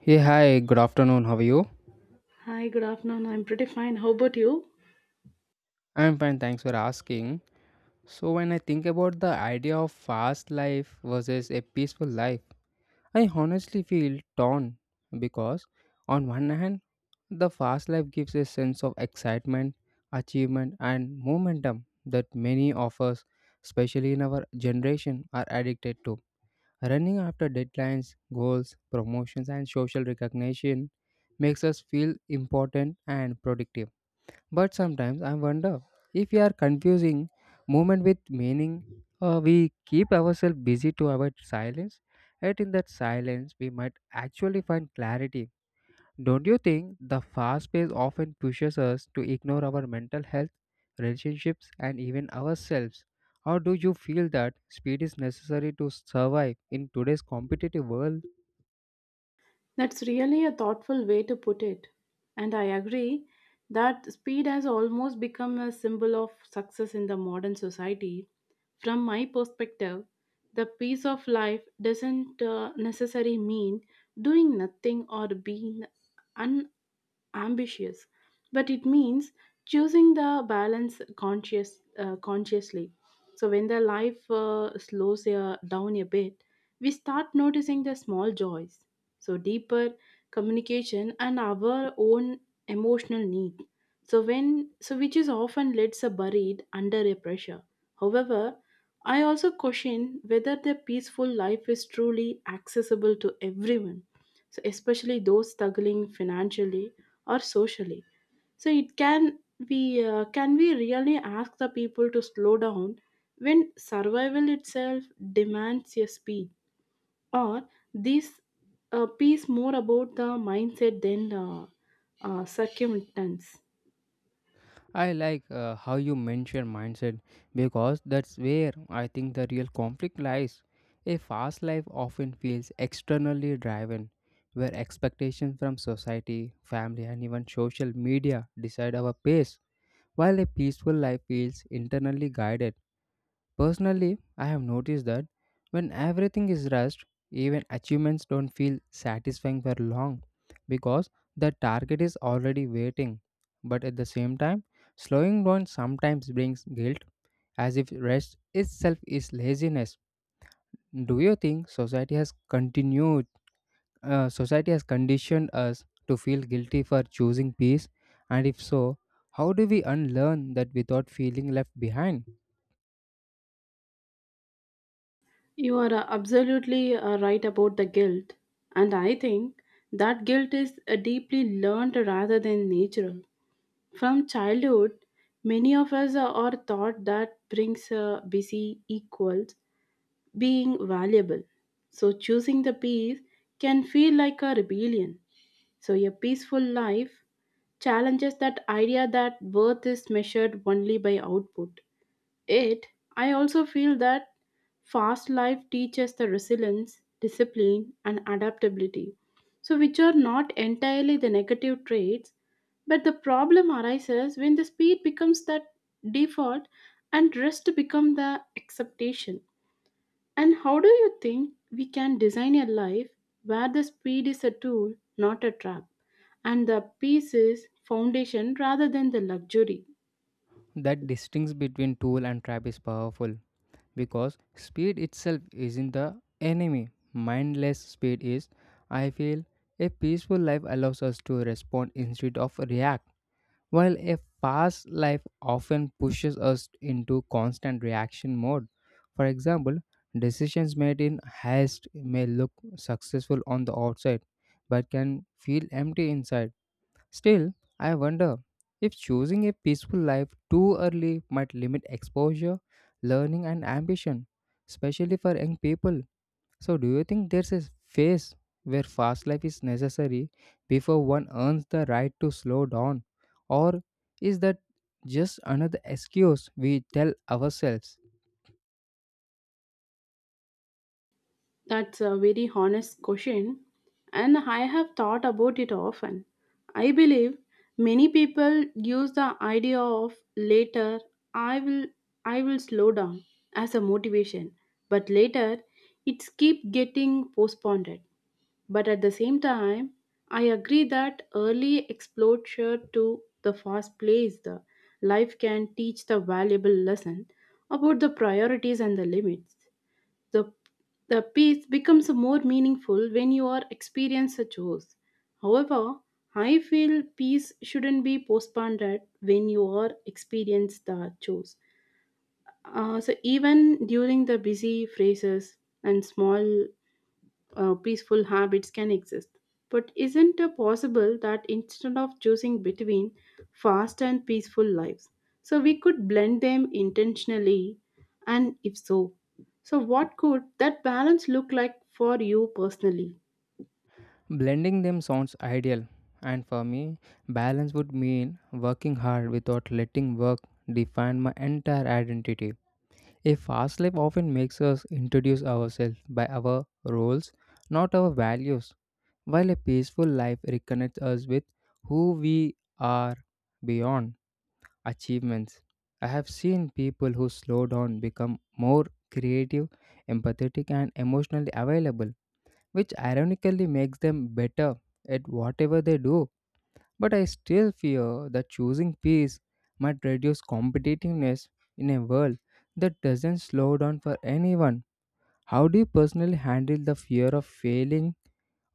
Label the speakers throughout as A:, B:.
A: Hey, hi, good afternoon. How are you?
B: Hi, good afternoon. I'm pretty fine. How about you?
A: I'm fine, thanks for asking. So, when I think about the idea of fast life versus a peaceful life, I honestly feel torn because, on one hand, the fast life gives a sense of excitement, achievement, and momentum that many of us, especially in our generation, are addicted to. Running after deadlines, goals, promotions, and social recognition makes us feel important and productive. But sometimes I wonder if we are confusing movement with meaning, or we keep ourselves busy to avoid silence, yet in that silence we might actually find clarity. Don't you think the fast pace often pushes us to ignore our mental health, relationships, and even ourselves? Or do you feel that speed is necessary to survive in today's competitive world?
B: That's really a thoughtful way to put it. And I agree that speed has almost become a symbol of success in the modern society. From my perspective, the peace of life doesn't necessarily mean doing nothing or being un. Ambitious, but it means choosing the balance consciously. So when the life slows down a bit, we start noticing the small joys. So deeper communication and our own emotional need. So when so which is often leads a buried under a pressure. However, I also question whether the peaceful life is truly accessible to everyone, so especially those struggling financially or socially. So it can we really ask the people to slow down when survival itself demands a speed, or this piece more about the mindset than circumstance.
A: I like how you mention mindset because that's where I think the real conflict lies. A fast life often feels externally driven, where expectations from society, family, and even social media decide our pace, while a peaceful life feels internally guided. Personally, I have noticed that when everything is rushed, even achievements don't feel satisfying for long because the target is already waiting. But at the same time, slowing down sometimes brings guilt as if rest itself is laziness. Do you think society has conditioned us to feel guilty for choosing peace, and if so, how do we unlearn that without feeling left behind?
B: You are absolutely right about the guilt, and I think that guilt is deeply learned rather than natural. From childhood, many of us are taught that brings a busy equals being valuable. So choosing the peace can feel like a rebellion. So a peaceful life challenges that idea that worth is measured only by output. It, I also feel that fast life teaches the resilience, discipline, and adaptability. So, which are not entirely the negative traits, but the problem arises when the speed becomes the default and rest become the expectation. And how do you think we can design a life where the speed is a tool, not a trap, and the peace is foundation rather than the luxury?
A: That distinction between tool and trap is powerful because speed itself isn't the enemy. Mindless speed is, I feel, a peaceful life allows us to respond instead of react, while a fast life often pushes us into constant reaction mode. For example, decisions made in haste may look successful on the outside but can feel empty inside. Still, I wonder if choosing a peaceful life too early might limit exposure, learning, and ambition, especially for young people. So, do you think there's a phase where fast life is necessary before one earns the right to slow down? Or is that just another excuse we tell ourselves?
B: That's a very honest question, and I have thought about it often. I believe many people use the idea of later. I will I will slow down as a motivation, but later it's keep getting postponed. But at the same time, I agree that early exposure to the fast place the life can teach the valuable lesson about the priorities and the limits. The, the piece becomes more meaningful when you are experience a chores. However, I feel peace shouldn't be postponed when you are experience the chores. So even during the busy phrases and small peaceful habits can exist. But isn't it possible that instead of choosing between fast and peaceful lives, so we could blend them intentionally? And if so, so what could that balance look like for you personally?
A: Blending them sounds ideal, and for me, balance would mean working hard without letting work define my entire identity. A fast life often makes us introduce ourselves by our roles, not our values, while a peaceful life reconnects us with who we are beyond achievements. I have seen people who slow down become more creative, empathetic, and emotionally available, which ironically makes them better at whatever they do. But I still fear that choosing peace might reduce competitiveness in a world that doesn't slow down for anyone. How do you personally handle the fear of failing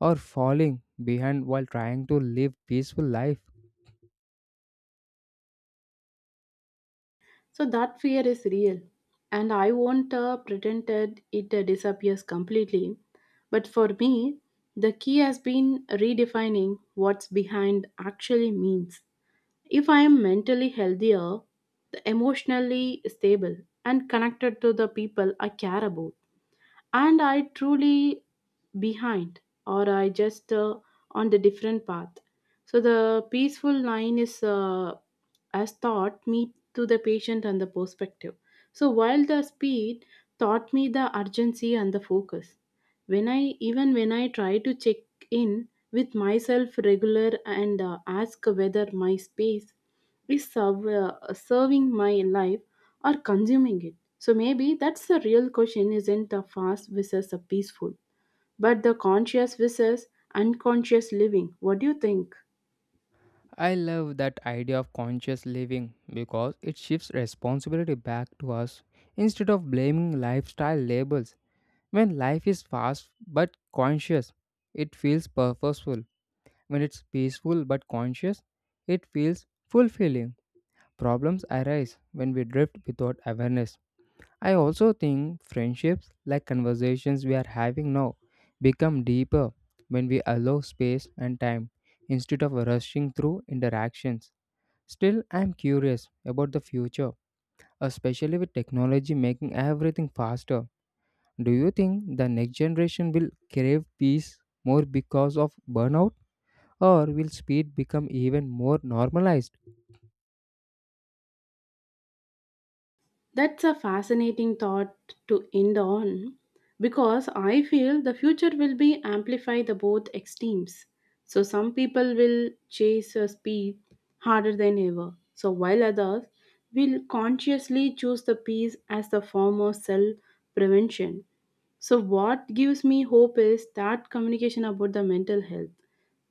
A: or falling behind while trying to live peaceful life?
B: So that fear is real, and I won't pretend that it disappears completely. But for me, the key has been redefining what's behind actually means. If I am mentally healthier, emotionally stable, and connected to the people I care about, and I truly behind or I just on the different path, so the peaceful line is as thought me to the patient and the perspective, so while the speed taught me the urgency and the focus when I even when I try to check in with myself regular and ask whether my space is serving my life or consuming it, so maybe that's the real question isn't the fast versus the peaceful, but the conscious versus unconscious living. What do you think?
A: I love that idea of conscious living because it shifts responsibility back to us instead of blaming lifestyle labels. When life is fast but conscious, it feels purposeful. When it's peaceful but conscious, it feels fulfilling. Problems arise when we drift without awareness. I also think friendships, like conversations we are having now, become deeper when we allow space and time instead of rushing through interactions. Still, I am curious about the future, especially with technology making everything faster. Do you think the next generation will crave peace more because of burnout? Or will speed become even more normalized?
B: That's a fascinating thought to end on because I feel the future will be amplify the both extremes. So some people will chase a speed harder than ever. So while others will consciously choose the peace as the form of self prevention. So what gives me hope is that communication about the mental health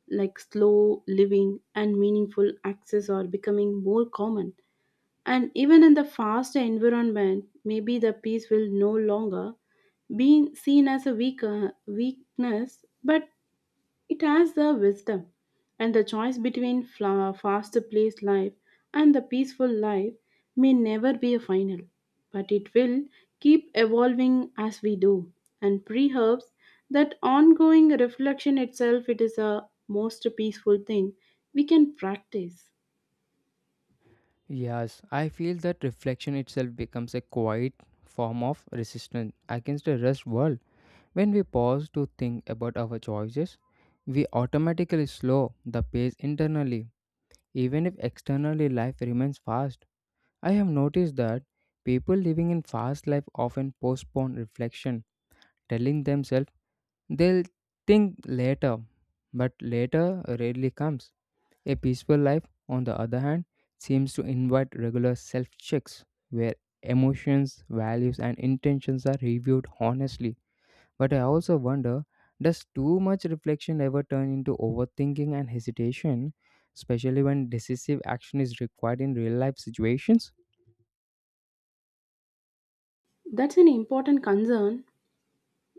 B: like slow living and meaningful access are becoming more common, and even in the fast environment, maybe the peace will no longer be seen as a weaker weakness, but it has the wisdom. And the choice between fast paced life and the peaceful life may never be a final, but it will keep evolving as we do. And perhaps that ongoing reflection itself, it is a most peaceful thing we can practice.
A: Yes, I feel that reflection itself becomes a quiet form of resistance against the rest world. When we pause to think about our choices, we automatically slow the pace internally, even if externally life remains fast. I have noticed that people living in fast life often postpone reflection, telling themselves they'll think later, but later rarely comes. A peaceful life, on the other hand, seems to invite regular self checks where emotions, values, and intentions are reviewed honestly. But I also wonder, does too much reflection ever turn into overthinking and hesitation, especially when decisive action is required in real life situations?
B: That's an important concern.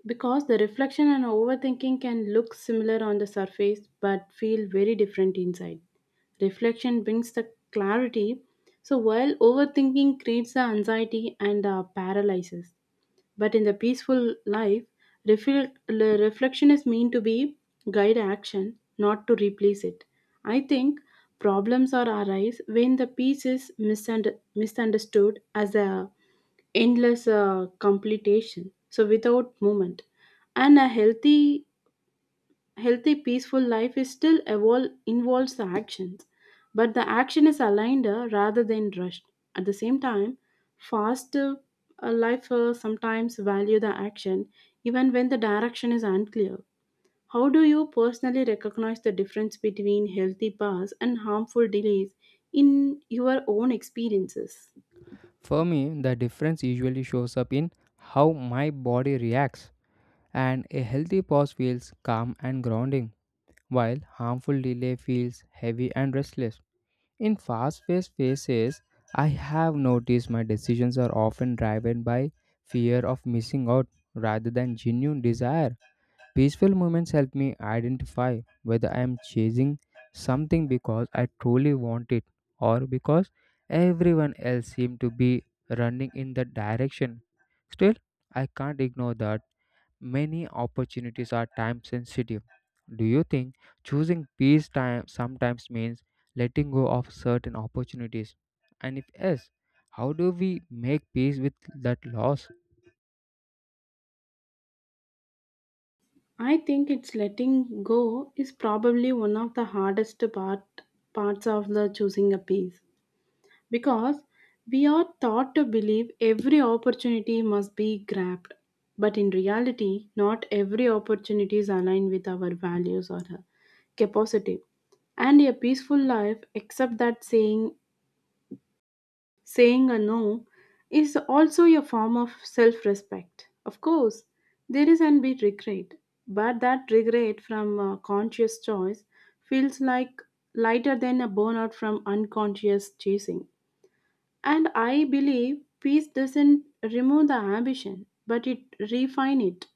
B: Because the reflection and overthinking can look similar on the surface but feel very different inside. Reflection brings the clarity, so while overthinking creates the anxiety and paralyzes. But in the peaceful life, reflection is meant to be guide action, not to replace it. I think problems are arise when the peace is misunderstood as a endless completion so without movement, and a healthy peaceful life is still involves the actions, but the action is aligned rather than rushed. At the same time, fast life sometimes value the action even when the direction is unclear. How do you personally recognize the difference between healthy paths and harmful delays in your own experiences?
A: For me, the difference usually shows up in how my body reacts, and a healthy pause feels calm and grounding, while harmful delay feels heavy and restless. In fast paced phases, I have noticed my decisions are often driven by fear of missing out rather than genuine desire. Peaceful moments help me identify whether I am chasing something because I truly want it or because everyone else seems to be running in that direction. Still, I can't ignore that many opportunities are time sensitive. Do you think choosing peace time sometimes means letting go of certain opportunities? And if yes, how do we make peace with that loss?
B: I think it's letting go is probably one of the hardest part parts of the choosing a piece, because we are taught to believe every opportunity must be grabbed, but in reality not every opportunity is aligned with our values or our capacity. And a peaceful life except that saying a no is also a form of self respect. Of course, there is an bit regret, but that regret from a conscious choice feels like lighter than a burnout from unconscious chasing. And I believe peace doesn't remove the ambition, but it refine it.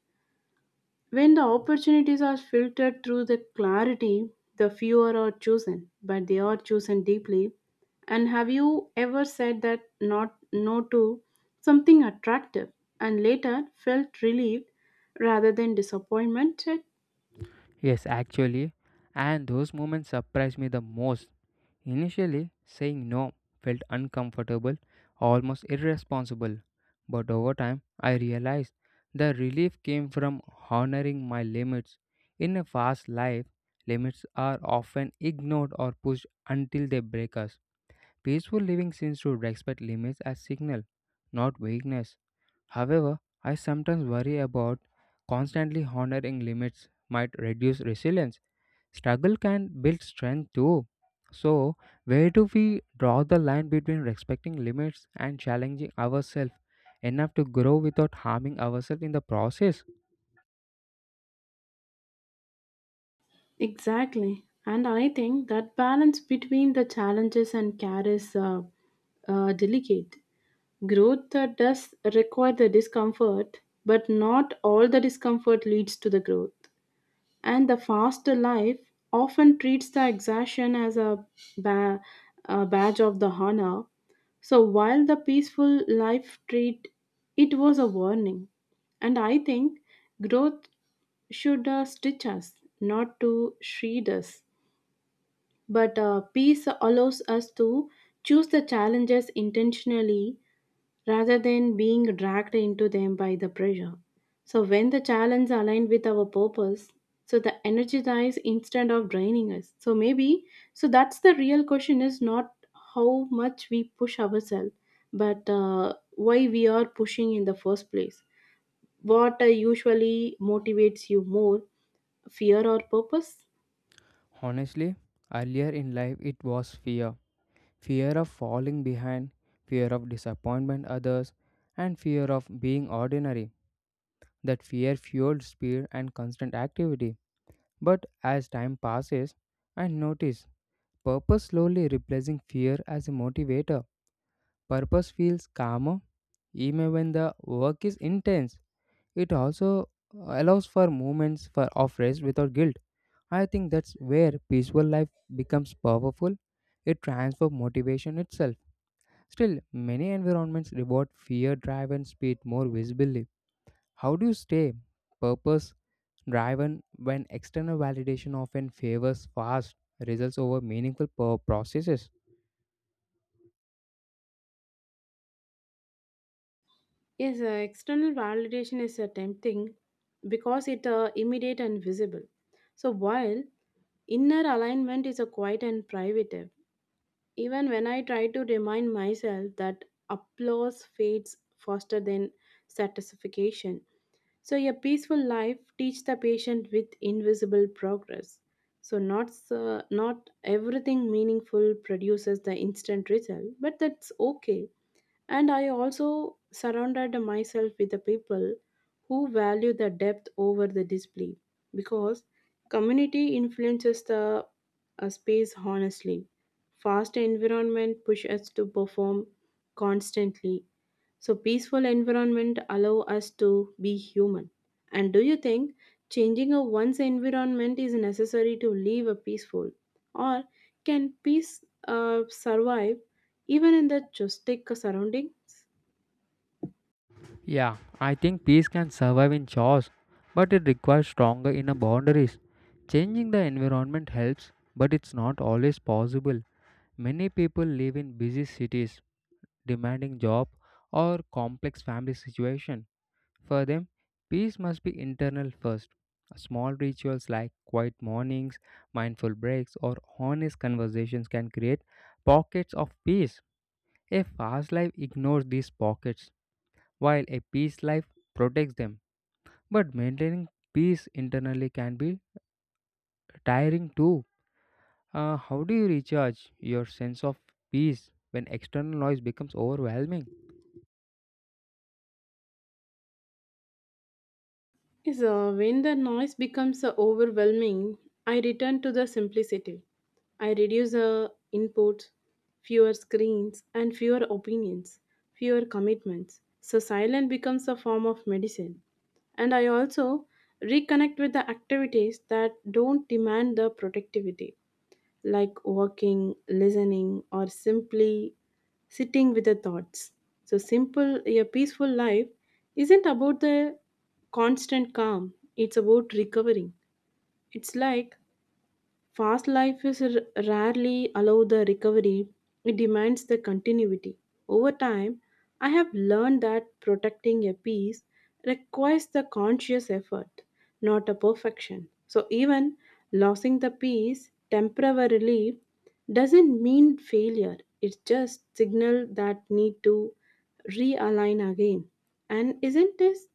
B: When the opportunities are filtered through the clarity, the fewer are chosen, but they are chosen deeply. And have you ever said that not no to something attractive and later felt relieved rather than disappointed?
A: Yes, actually, and those moments surprise me the most. Initially, saying no felt uncomfortable, almost irresponsible, but over time I realized the relief came from honoring my limits. In a fast life, limits are often ignored or pushed until they break us. Peaceful living seems to respect limits as signal, not weakness. However, I sometimes worry about constantly honoring limits might reduce resilience. Struggle can build strength too. So, where do we draw the line between respecting limits and challenging ourselves enough to grow without harming ourselves in the process?
B: Exactly. And I think that balance between the challenges and care is delicate. Growth does require the discomfort, but not all the discomfort leads to the growth. And the fast life often treats the exertion as ba- a badge of the honor, so while the peaceful life treat it was a warning. And I think growth should stitch us, not to shred us, but peace allows us to choose the challenges intentionally rather than being dragged into them by the pressure. So when the challenge aligned with our purpose, so the energy dies instead of draining us. So maybe so that's the real question is not how much we push ourselves, but why we are pushing in the first place. What usually motivates you more, fear or purpose?
A: Honestly, earlier in life it was fear, fear of falling behind, fear of disappointment others, and fear of being ordinary. That fear fueled speed and constant activity. But as time passes, I notice purpose slowly replacing fear as a motivator. Purpose feels calmer even when the work is intense. It also allows for moments for of rest without guilt. I think that's where peaceful life becomes powerful. It transforms motivation itself. Still, many environments reward fear, drive, and speed more visibly. How do you stay purpose driven when external validation often favors fast results over meaningful processes?
B: Yes, external validation is tempting because it immediate and visible. So while inner alignment is a quiet and private. Even when I try to remind myself that applause fades faster than satisfaction. So a peaceful life teach the patient with invisible progress. So not everything meaningful produces the instant result, but that's okay. And I also surrounded myself with the people who value the depth over the display, because community influences the space honestly. Fast environment push us to perform constantly, so peaceful environment allow us to be human. And do you think changing a one's environment is necessary to live a peaceful, or can peace survive even in the chaotic surroundings?
A: Yeah, I think peace can survive in chaos, but it requires stronger inner boundaries. Changing the environment helps, but it's not always possible. Many people live in busy cities, demanding job, or complex family situation. For them, peace must be internal first. Small rituals like quiet mornings, mindful breaks, or honest conversations can create pockets of peace. A fast life ignores these pockets, while a peace life protects them. But maintaining peace internally can be tiring too. How do you recharge your sense of peace when external noise becomes overwhelming?
B: So when the noise becomes overwhelming, I return to the simplicity. I reduce the inputs, fewer screens, and fewer opinions, fewer commitments. So silence becomes a form of medicine. And I also reconnect with the activities that don't demand the productivity, like walking, listening, or simply sitting with the thoughts. So, simple, a peaceful life isn't about the constant calm, it's about recovering. It's like fast life is rarely allow the recovery. It demands the continuity. Over time, I have learned that protecting a peace requires the conscious effort, not a perfection. So even losing the peace temporarily doesn't mean failure. It's just signal that need to realign again. And isn't this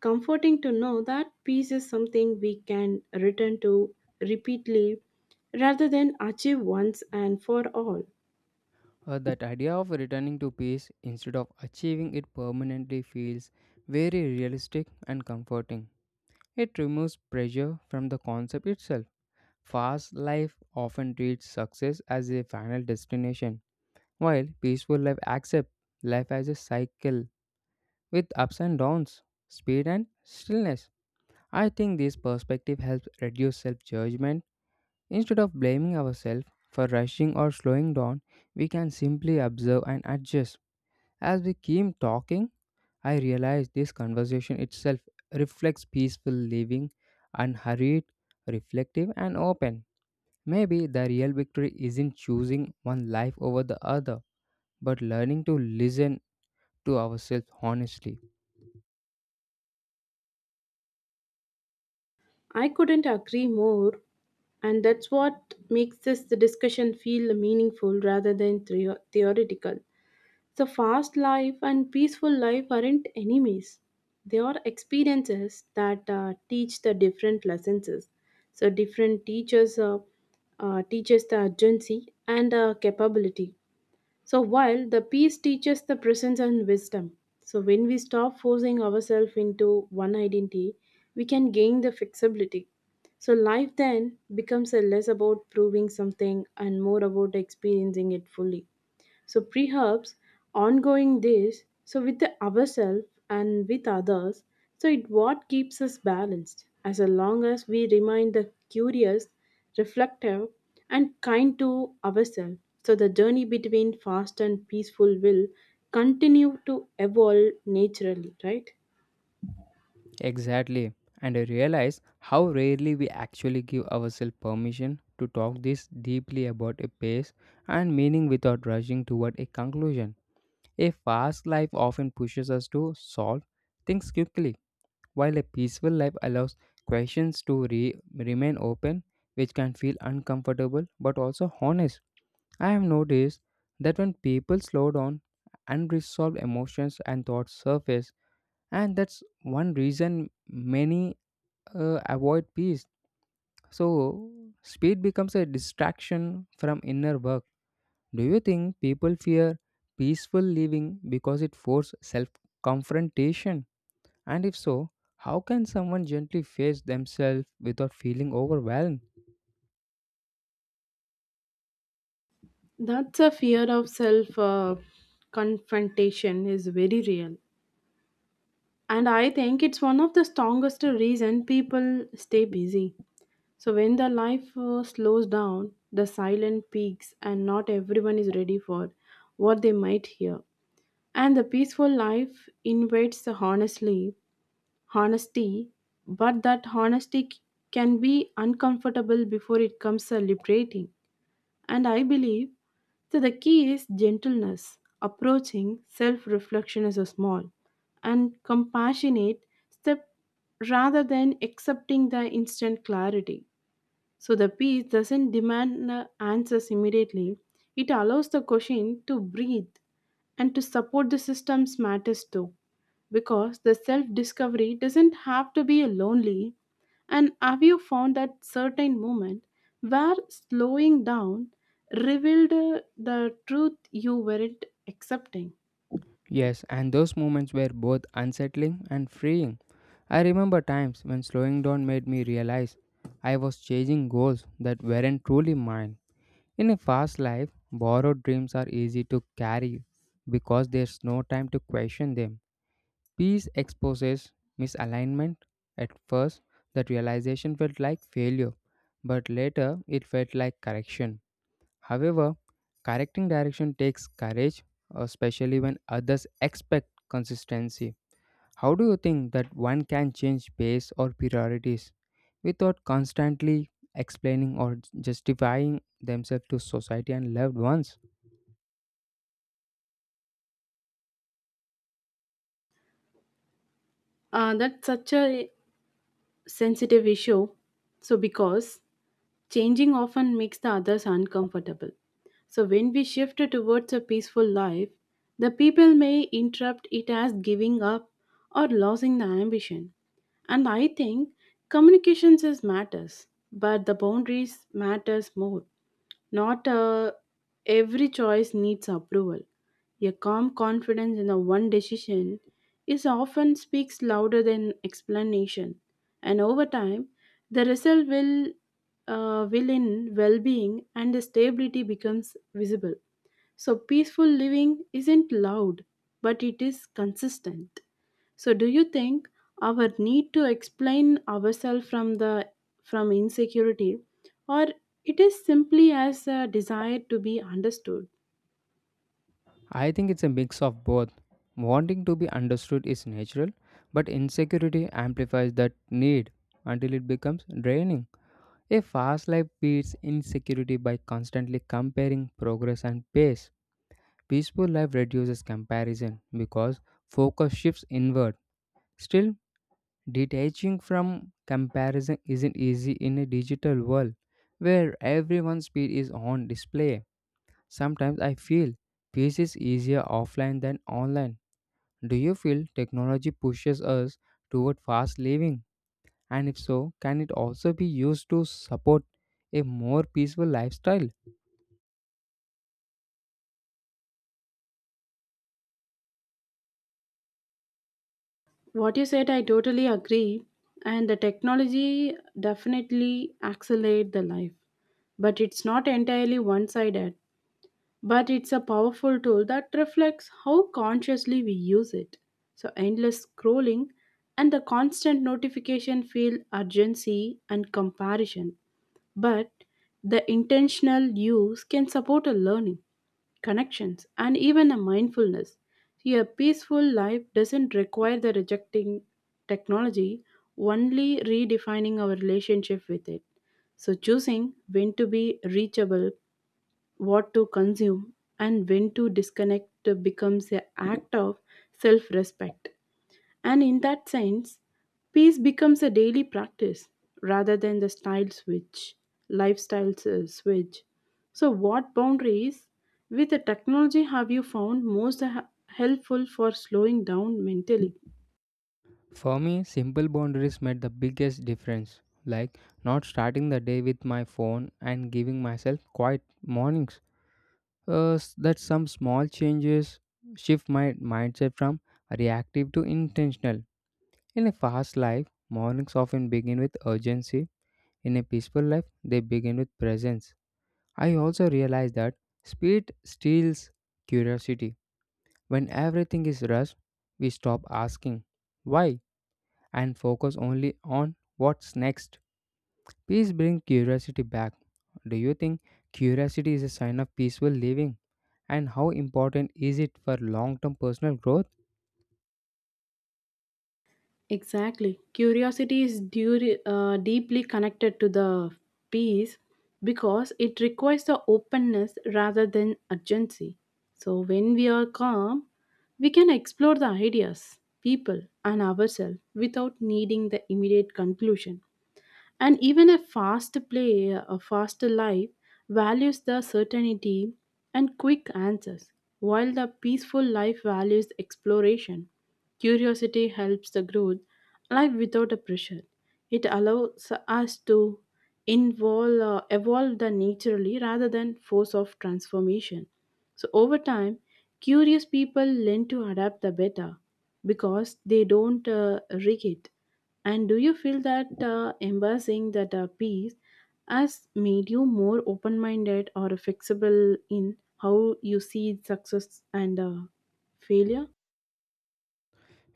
B: comforting to know that peace is something we can return to repeatedly rather than achieve once and for all?
A: That idea of returning to peace instead of achieving it permanently feels very realistic and comforting. It removes pressure from the concept itself. Fast life often treats success as a final destination, while peaceful life accepts life as a cycle with ups and downs, speed and stillness. I think this perspective helps reduce self judgment. Instead of blaming ourselves for rushing or slowing down, we can simply observe and adjust. As we came talking, I realized this conversation itself reflects peaceful living, unhurried, reflective, and open. Maybe the real victory isn't choosing one life over the other, but learning to listen to ourselves honestly.
B: I couldn't agree more, and that's what makes this discussion feel meaningful rather than theoretical. The fast life and peaceful life aren't enemies. They are experiences that teach the different lessons. So different teachers teaches the urgency and capability. So while the peace teaches the presence and wisdom. So when we stop forcing ourselves into one identity, we can gain the flexibility. So life then becomes a less about proving something and more about experiencing it fully. So perhaps ongoing this, so with ourselves and with others, so it what keeps us balanced. As long as we remain the curious, reflective, and kind to ourselves, so the journey between fast and peaceful will continue to evolve naturally, right?
A: Exactly. And I realize how rarely we actually give ourselves permission to talk this deeply about a pace and meaning without rushing toward a conclusion. A fast life often pushes us to solve things quickly, while a peaceful life allows questions to remain open, which can feel uncomfortable but also honest. I have noticed that when people slow down, unresolved emotions and thoughts surface, and that's one reason many avoid peace. So, speed becomes a distraction from inner work. Do you think people fear peaceful living because it forces self confrontation? And if so, how can someone gently face themselves without feeling overwhelmed?
B: That's a fear of self confrontation is very real. And I think it's one of the strongest reason people stay busy. So when the life slows down, the silent peaks, and not everyone is ready for what they might hear. And the peaceful life invites the honesty, but that honesty can be uncomfortable before it comes liberating. And I believe so the key is gentleness, approaching self-reflection as a small and compassionate step rather than accepting the instant clarity. So the peace doesn't demand answers immediately. It allows the question to breathe and to support the system's matters too. Because the self discovery doesn't have to be lonely. And have you found that certain moment where slowing down revealed the truth you weren't accepting?
A: Yes, and those moments were both unsettling and freeing. I remember times when slowing down made me realize I was chasing goals that weren't truly mine. In a fast life, borrowed dreams are easy to carry because there's no time to question them. Peace exposes misalignment. At first, that realization felt like failure, but later it felt like correction. However, correcting direction takes courage, especially when others expect consistency. How do you think that one can change pace or priorities without constantly explaining or justifying themselves to society and loved ones?
B: That's such a sensitive issue. So, because changing often makes the others uncomfortable. So, when we shift towards a peaceful life, the people may interrupt it as giving up or losing the ambition. And I think communications is matters, but the boundaries matters more. Not every choice needs approval. A calm confidence in the one decision is often speaks louder than explanation, and over time, the result will in well-being and the stability becomes visible. So peaceful living isn't loud, but it is consistent. So do you think our need to explain ourselves from the from insecurity or it is simply as a desire to be understood.
A: I think it's a mix of both. Wanting to be understood is natural, but insecurity amplifies that need until it becomes draining. A fast life beats insecurity by constantly comparing progress and pace. Peaceful life reduces comparison because focus shifts inward. Still, detaching from comparison isn't easy in a digital world where everyone's speed is on display. Sometimes I feel peace is easier offline than online. Do you feel technology pushes us toward fast living? And if so, can it also be used to support a more peaceful lifestyle?
B: What you said, I totally agree. And the technology definitely accelerate the life, but it's not entirely one-sided, but it's a powerful tool that reflects how consciously we use it. So, endless scrolling and the constant notification feel urgency and comparison, but the intentional use can support a learning, connections, and even a mindfulness. A peaceful life doesn't require the rejecting technology, only redefining our relationship with it. So, choosing when to be reachable, what to consume, and when to disconnect becomes an act of self respect. And in that sense, peace becomes a daily practice rather than the style switch, lifestyle switch. So, what boundaries with the technology have you found most helpful for slowing down mentally?
A: For me, simple boundaries made the biggest difference, like not starting the day with my phone and giving myself quiet mornings. That some small changes shift my mindset from reactive to intentional. In a fast life, mornings often begin with urgency. In a peaceful life, they begin with presence. I also realize that speed steals curiosity. When everything is rushed, we stop asking why and focus only on what's next. Peace brings curiosity back. Do you think curiosity is a sign of peaceful living? And how important is it for long term personal growth?
B: Exactly. Curiosity is deeply connected to the peace because it requires the openness rather than urgency. So, when we are calm, we can explore the ideas, people, and ourselves without needing the immediate conclusion. And even a a faster life, values the certainty and quick answers, while the peaceful life values exploration. Curiosity helps the growth, life without a pressure. It allows us to evolve the naturally rather than force of transformation. So over time, curious people learn to adapt the better because they don't rig it. And do you feel that embracing that peace has made you more open minded or flexible in how you see success and failure?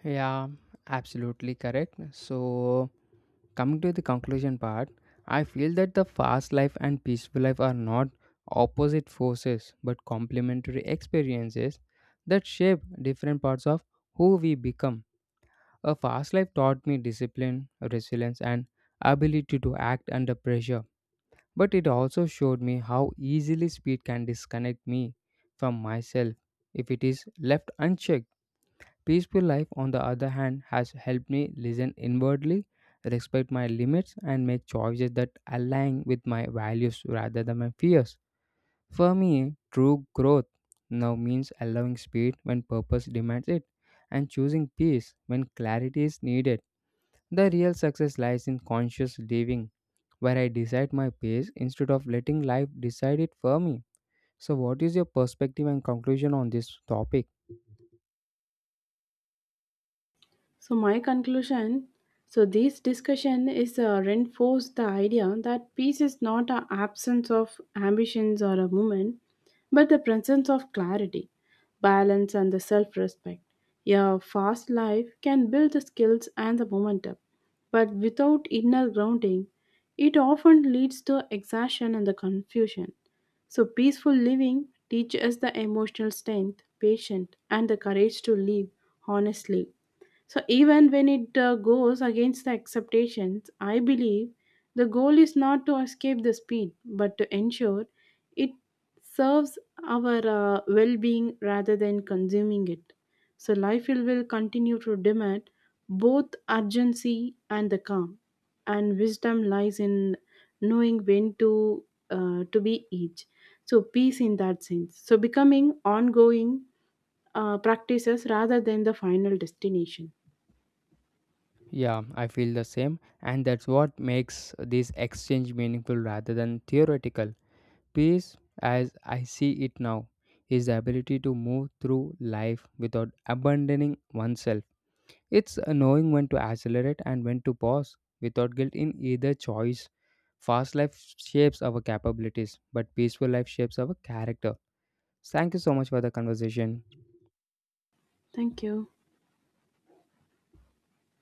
A: Yeah, absolutely correct. So, coming to the conclusion part, I feel that the fast life and peaceful life are not opposite forces but complementary experiences that shape different parts of who we become. A fast life taught me discipline, resilience, and ability to act under pressure. But it also showed me how easily speed can disconnect me from myself if it is left unchecked. Peaceful life, on the other hand, has helped me listen inwardly, respect my limits, and make choices that align with my values rather than my fears. For me, true growth now means allowing speed when purpose demands it and choosing peace when clarity is needed. The real success lies in conscious living, where I decide my pace instead of letting life decide it for me. So, what is your perspective and conclusion on this topic?
B: So my conclusion, so this discussion is reinforced the idea that peace is not an absence of ambitions or a movement, but the presence of clarity, balance, and the self-respect. A fast life can build the skills and the momentum, but without inner grounding, it often leads to exhaustion and the confusion. So peaceful living teaches us the emotional strength, patience, and the courage to live honestly so even when it goes against the expectations, I believe the goal is not to escape the speed, but to ensure it serves our well-being rather than consuming it. So life will continue to demand both urgency and the calm, and wisdom lies in knowing when to be each. So peace in that sense. So becoming ongoing practices rather than the final destination.
A: Yeah, I feel the same, and that's what makes this exchange meaningful rather than theoretical. Peace, as I see it now, is the ability to move through life without abandoning oneself. It's knowing when to accelerate and when to pause without guilt in either choice. Fast life shapes our capabilities, but peaceful life shapes our character. Thank you so much for the conversation.
B: Thank you.